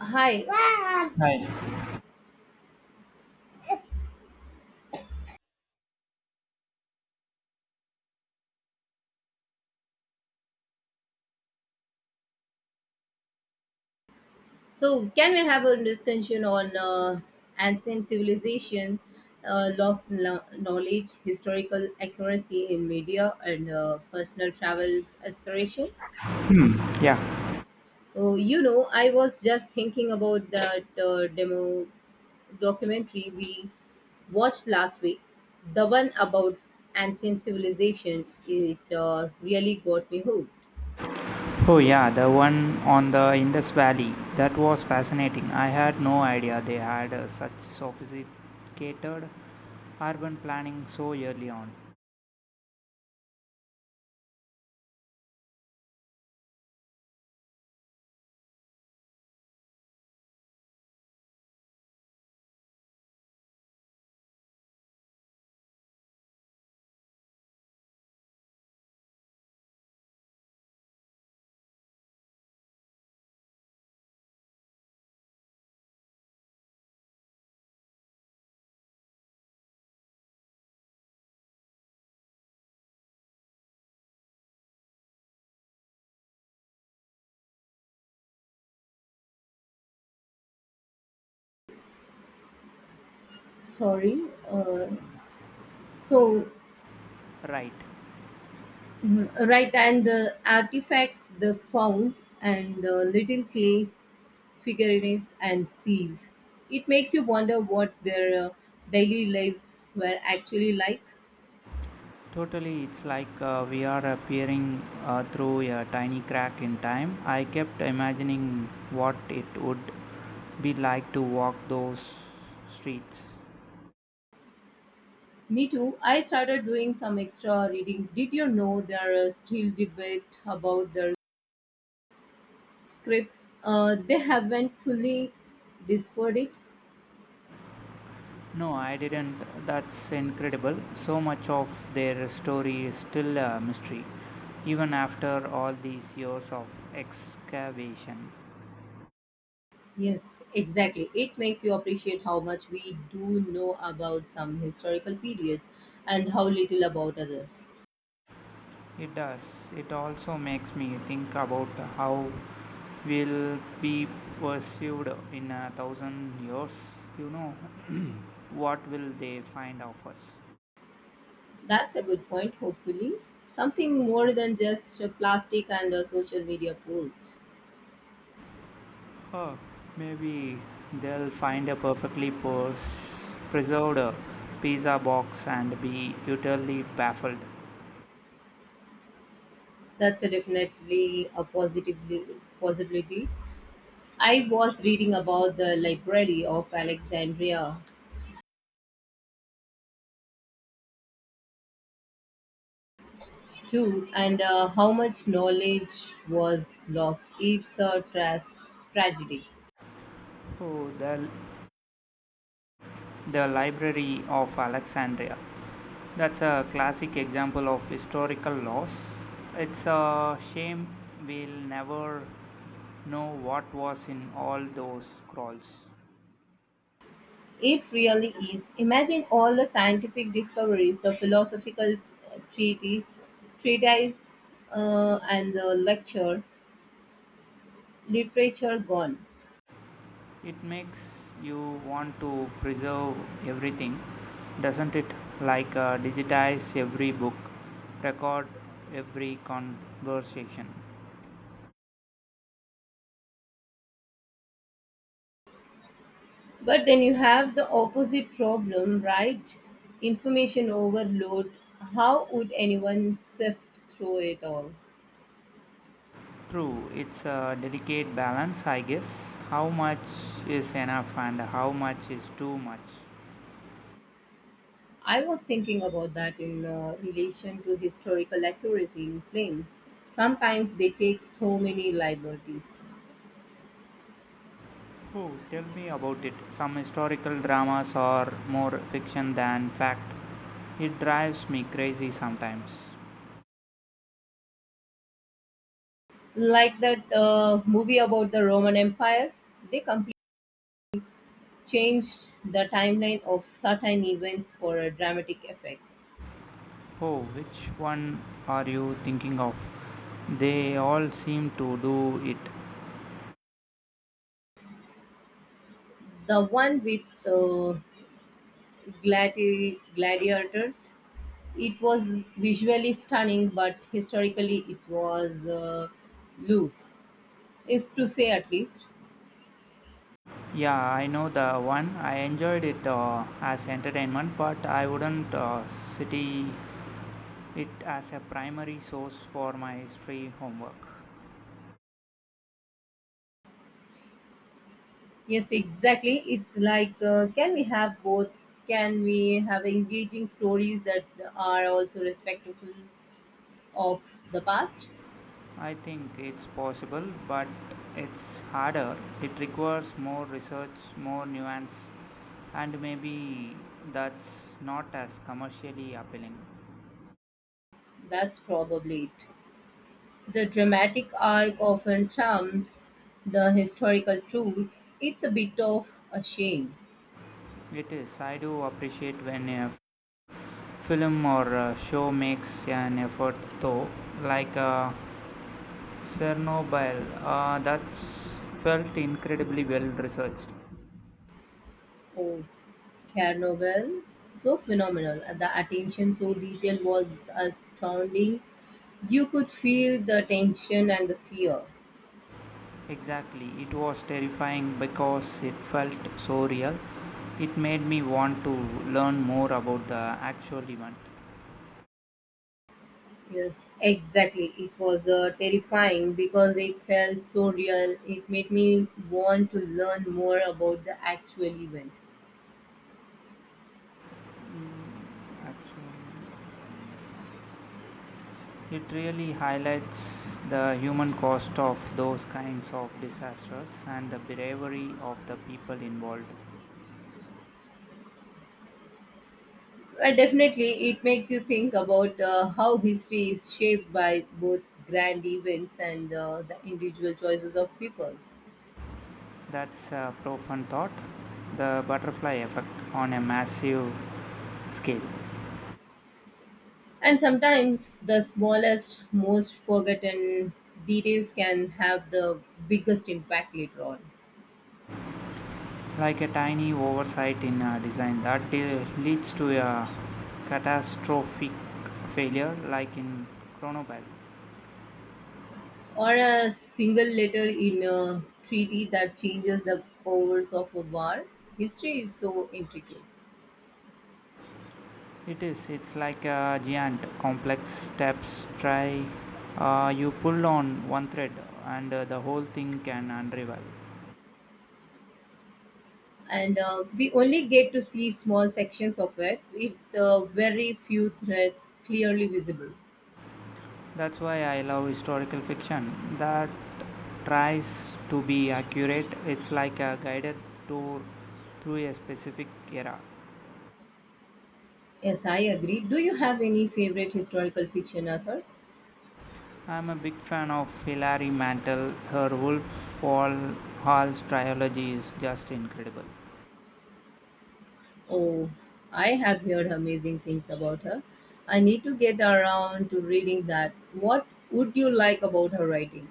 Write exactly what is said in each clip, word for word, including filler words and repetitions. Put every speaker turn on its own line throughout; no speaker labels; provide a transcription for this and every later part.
Hi.
Hi.
So, can we have a discussion on uh, ancient civilization, uh, lost lo- knowledge, historical accuracy in media, and uh, personal travels aspiration?
Yeah.
Oh, you know, I was just thinking about that uh, demo documentary we watched last week. The one about ancient civilization. It uh, really got me hooked.
Oh, yeah, the one on the Indus Valley. That was fascinating. I had no idea they had uh, such sophisticated urban planning so early on.
Sorry. Uh, so,
Right.
Mhm. Right, and the artifacts they found, and the little clay figurines and seals. It makes you wonder what their uh, daily lives were actually like.
Totally, it's like uh, we are appearing uh, through a tiny crack in time. I kept imagining what it would be like to walk those streets.
Me too. I started doing some extra reading. Did you know there are still debate about the script? Uh, they haven't fully deciphered it.
No, I didn't. That's incredible. So much of their story is still a mystery, even after all these years of excavation.
Yes, exactly. It makes you appreciate how much we do know about some historical periods and how little about others.
It does. It also makes me think about how we'll be perceived in a thousand years. You know, what will they find of us?
That's a good point, hopefully. Something more than just a plastic and a social media post.
Huh. Maybe they'll find a perfectly pers- preserved uh, pizza box and be utterly baffled.
That's a definitely a positive possibility. I was reading about the Library of Alexandria too and uh, how much knowledge was lost. It's a tras- tragedy.
Oh, the, the Library of Alexandria. That's a classic example of historical loss. It's a shame we'll never know what was in all those scrolls.
It really is. Imagine all the scientific discoveries, the philosophical uh, treaty, treatise, uh, and the lecture, literature gone.
It makes you want to preserve everything, doesn't it? Like uh, digitize every book, record every conversation.
But then you have the opposite problem, right? Information overload. How would anyone sift through it all?
True, it's a delicate balance, I guess. How much is enough and how much is too much?
I was thinking about that in uh, relation to historical accuracy in films. Sometimes they take so many liberties.
Oh, tell me about it. Some historical dramas are more fiction than fact. It drives me crazy sometimes.
Like that uh, movie about the Roman Empire, they completely changed the timeline of certain events for uh, dramatic effects.
Oh, which one are you thinking of? They all seem to do it.
The one with uh, gladi- gladiators, it was visually stunning, but historically it was uh, loose, is to say at least.
Yeah, I know the one. I enjoyed it uh, as entertainment, but I wouldn't uh, city it as a primary source for my history homework.
Yes, exactly. It's like, uh, can we have both? Can we have engaging stories that are also respectful of the past?
I think it's possible, but it's harder. It requires more research, more nuance, and maybe that's not as commercially appealing.
That's probably it. The dramatic arc often trumps the historical truth. It's a bit of a shame.
It is. I do appreciate when a film or a show makes an effort, though, like uh, Chernobyl, uh, that's felt incredibly well researched.
Oh, Chernobyl, so phenomenal. And the attention so detailed was astounding. You could feel the tension and the fear.
Exactly, it was terrifying because it felt so real. It made me want to learn more about the actual event.
Yes, exactly. It was uh, terrifying because it felt so real. It made me want to learn more about the actual event.
Actually, it really highlights the human cost of those kinds of disasters and the bravery of the people involved.
Well, definitely, it makes you think about uh, how history is shaped by both grand events and uh, the individual choices of people.
That's a profound thought, the butterfly effect on a massive scale.
And sometimes the smallest, most forgotten details can have the biggest impact later on.
Like a tiny oversight in uh, design that de- leads to a catastrophic failure like in Chernobyl.
Or a single letter in a treaty that changes the course of a war. History is so intricate.
It is, it's like a giant complex steps try, uh, you pull on one thread and uh, the whole thing can unravel.
And uh, we only get to see small sections of it with uh, very few threads clearly visible.
That's why I love historical fiction that tries to be accurate. It's like a guided tour through a specific era.
Yes, I agree. Do you have any favorite historical fiction authors?
I am a big fan of Hilary Mantel. Her Wolf Hall Hall's trilogy is just incredible.
Oh, I have heard amazing things about her. I need to get around to reading that. What would you like about her writing?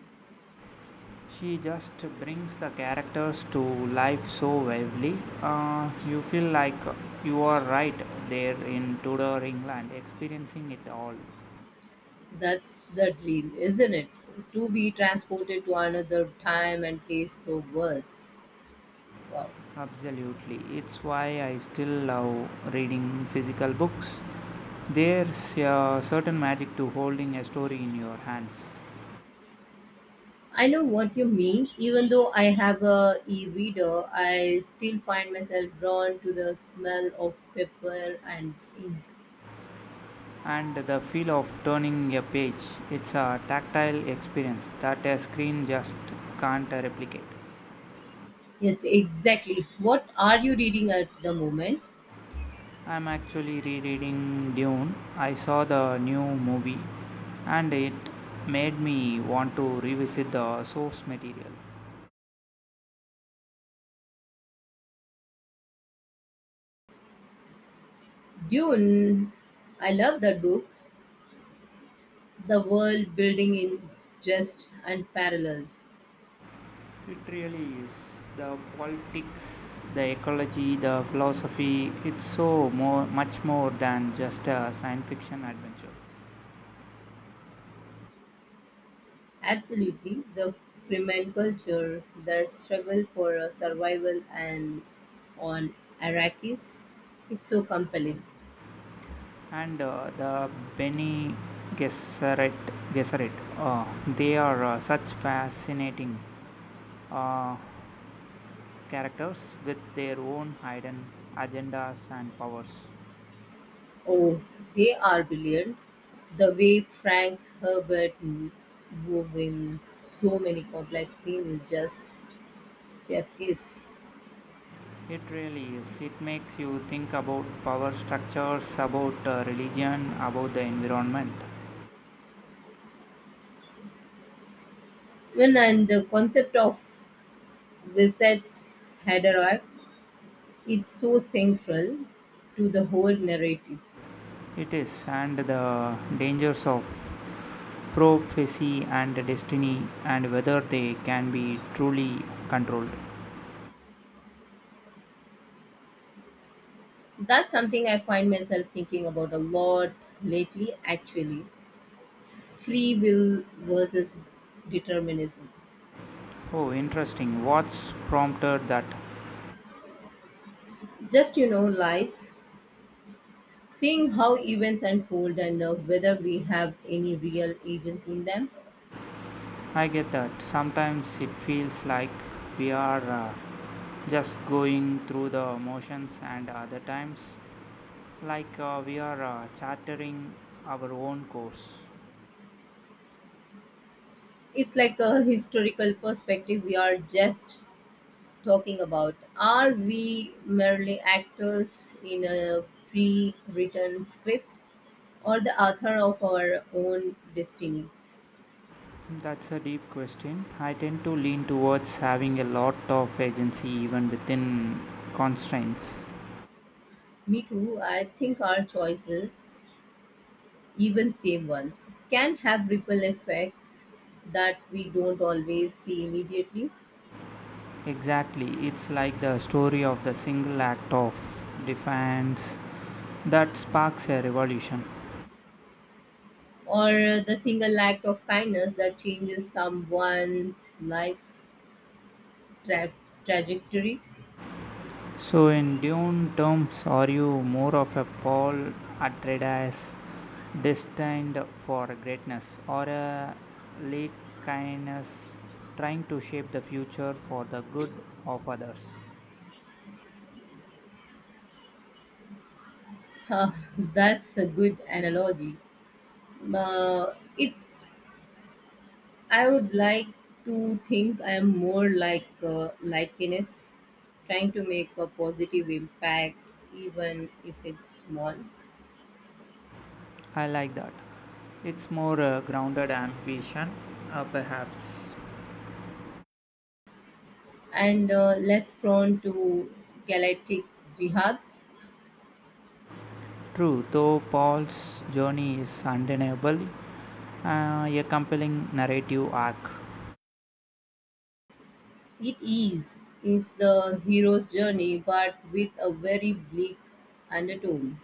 She just brings the characters to life so vividly. Uh, you feel like you are right there in Tudor England, experiencing it all.
That's the dream, isn't it? To be transported to another time and place through words. Wow.
Absolutely. It's why I still love reading physical books. There's a certain magic to holding a story in your hands.
I know what you mean. Even though I have a e-reader, I still find myself drawn to the smell of paper and ink.
And the feel of turning a page, it's a tactile experience that a screen just can't replicate.
Yes, exactly. What are you reading at the moment?
I'm actually rereading Dune. I saw the new movie and it made me want to revisit the source material.
Dune. I love that book. The world building is just unparalleled.
It really is. The politics, the ecology, the philosophy, it's so more much more than just a science fiction adventure.
Absolutely. The Fremen culture, their struggle for uh, survival and on Arrakis. It's so compelling.
And uh, the Bene Gesserit, Gesserit uh, they are uh, such fascinating uh, characters with their own hidden agendas and powers.
Oh, they are brilliant. The way Frank Herbert m- wove in so many complex themes is just Jeff Kiss.
It really is. It makes you think about power structures, about uh, religion, about the environment.
When and the concept of wizards had arrived, it's so central to the whole narrative.
It is, and the dangers of prophecy and destiny, and whether they can be truly controlled.
That's something I find myself thinking about a lot lately, actually. Free will versus determinism.
Oh, interesting. What's prompted that?
Just you know, life. Seeing how events unfold and uh, whether we have any real agency in them,
I get that. Sometimes it feels like we are uh, just going through the motions, and other times, like uh, we are uh, chartering our own course.
it's like a historical perspective we are just talking about. Are we merely actors in a pre written script or the author of our own destiny?
That's a deep question. I tend to lean towards having a lot of agency even within constraints.
Me too, I think our choices, even same ones, can have ripple effects that we don't always see immediately.
Exactly. It's like the story of the single act of defiance that sparks a revolution.
Or the single act of kindness that changes someone's life tra- trajectory.
So, in Dune terms, are you more of a Paul Atreides destined for greatness or a late kindness trying to shape the future for the good of others?
Huh, that's a good analogy. Uh, it's I would like to think I am more like uh, Lightkiness, trying to make a positive impact even if it's small,
I like that. It's more uh, grounded ambition, uh, perhaps.
and uh, less prone to galactic jihad.
True, though Paul's journey is undeniably uh, a compelling narrative arc.
It is is the hero's journey, but with a very bleak undertone.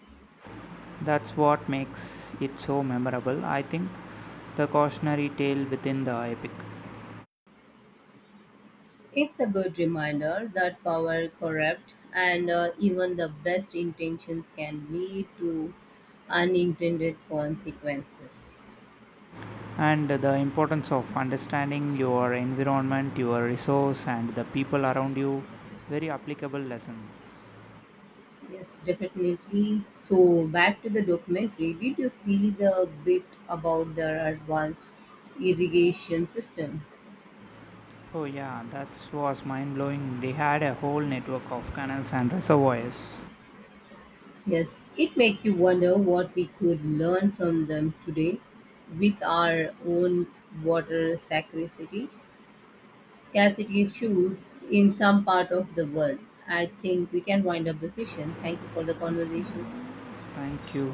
That's what makes it so memorable, I think. The cautionary tale within the epic,
It's a good reminder that power corrupt, and uh, even the best intentions can lead to unintended consequences.
and the importance of understanding your environment, your resource, and the people around you. Very applicable lessons.
Yes, definitely. So back to the documentary. Did you see the bit about the advanced irrigation systems?
Oh, yeah, that was mind blowing. They had a whole network of canals and reservoirs.
Yes, it makes you wonder what we could learn from them today with our own water scarcity, scarcity issues in some part of the world. I think we can wind up the session. Thank you for the conversation.
Thank you.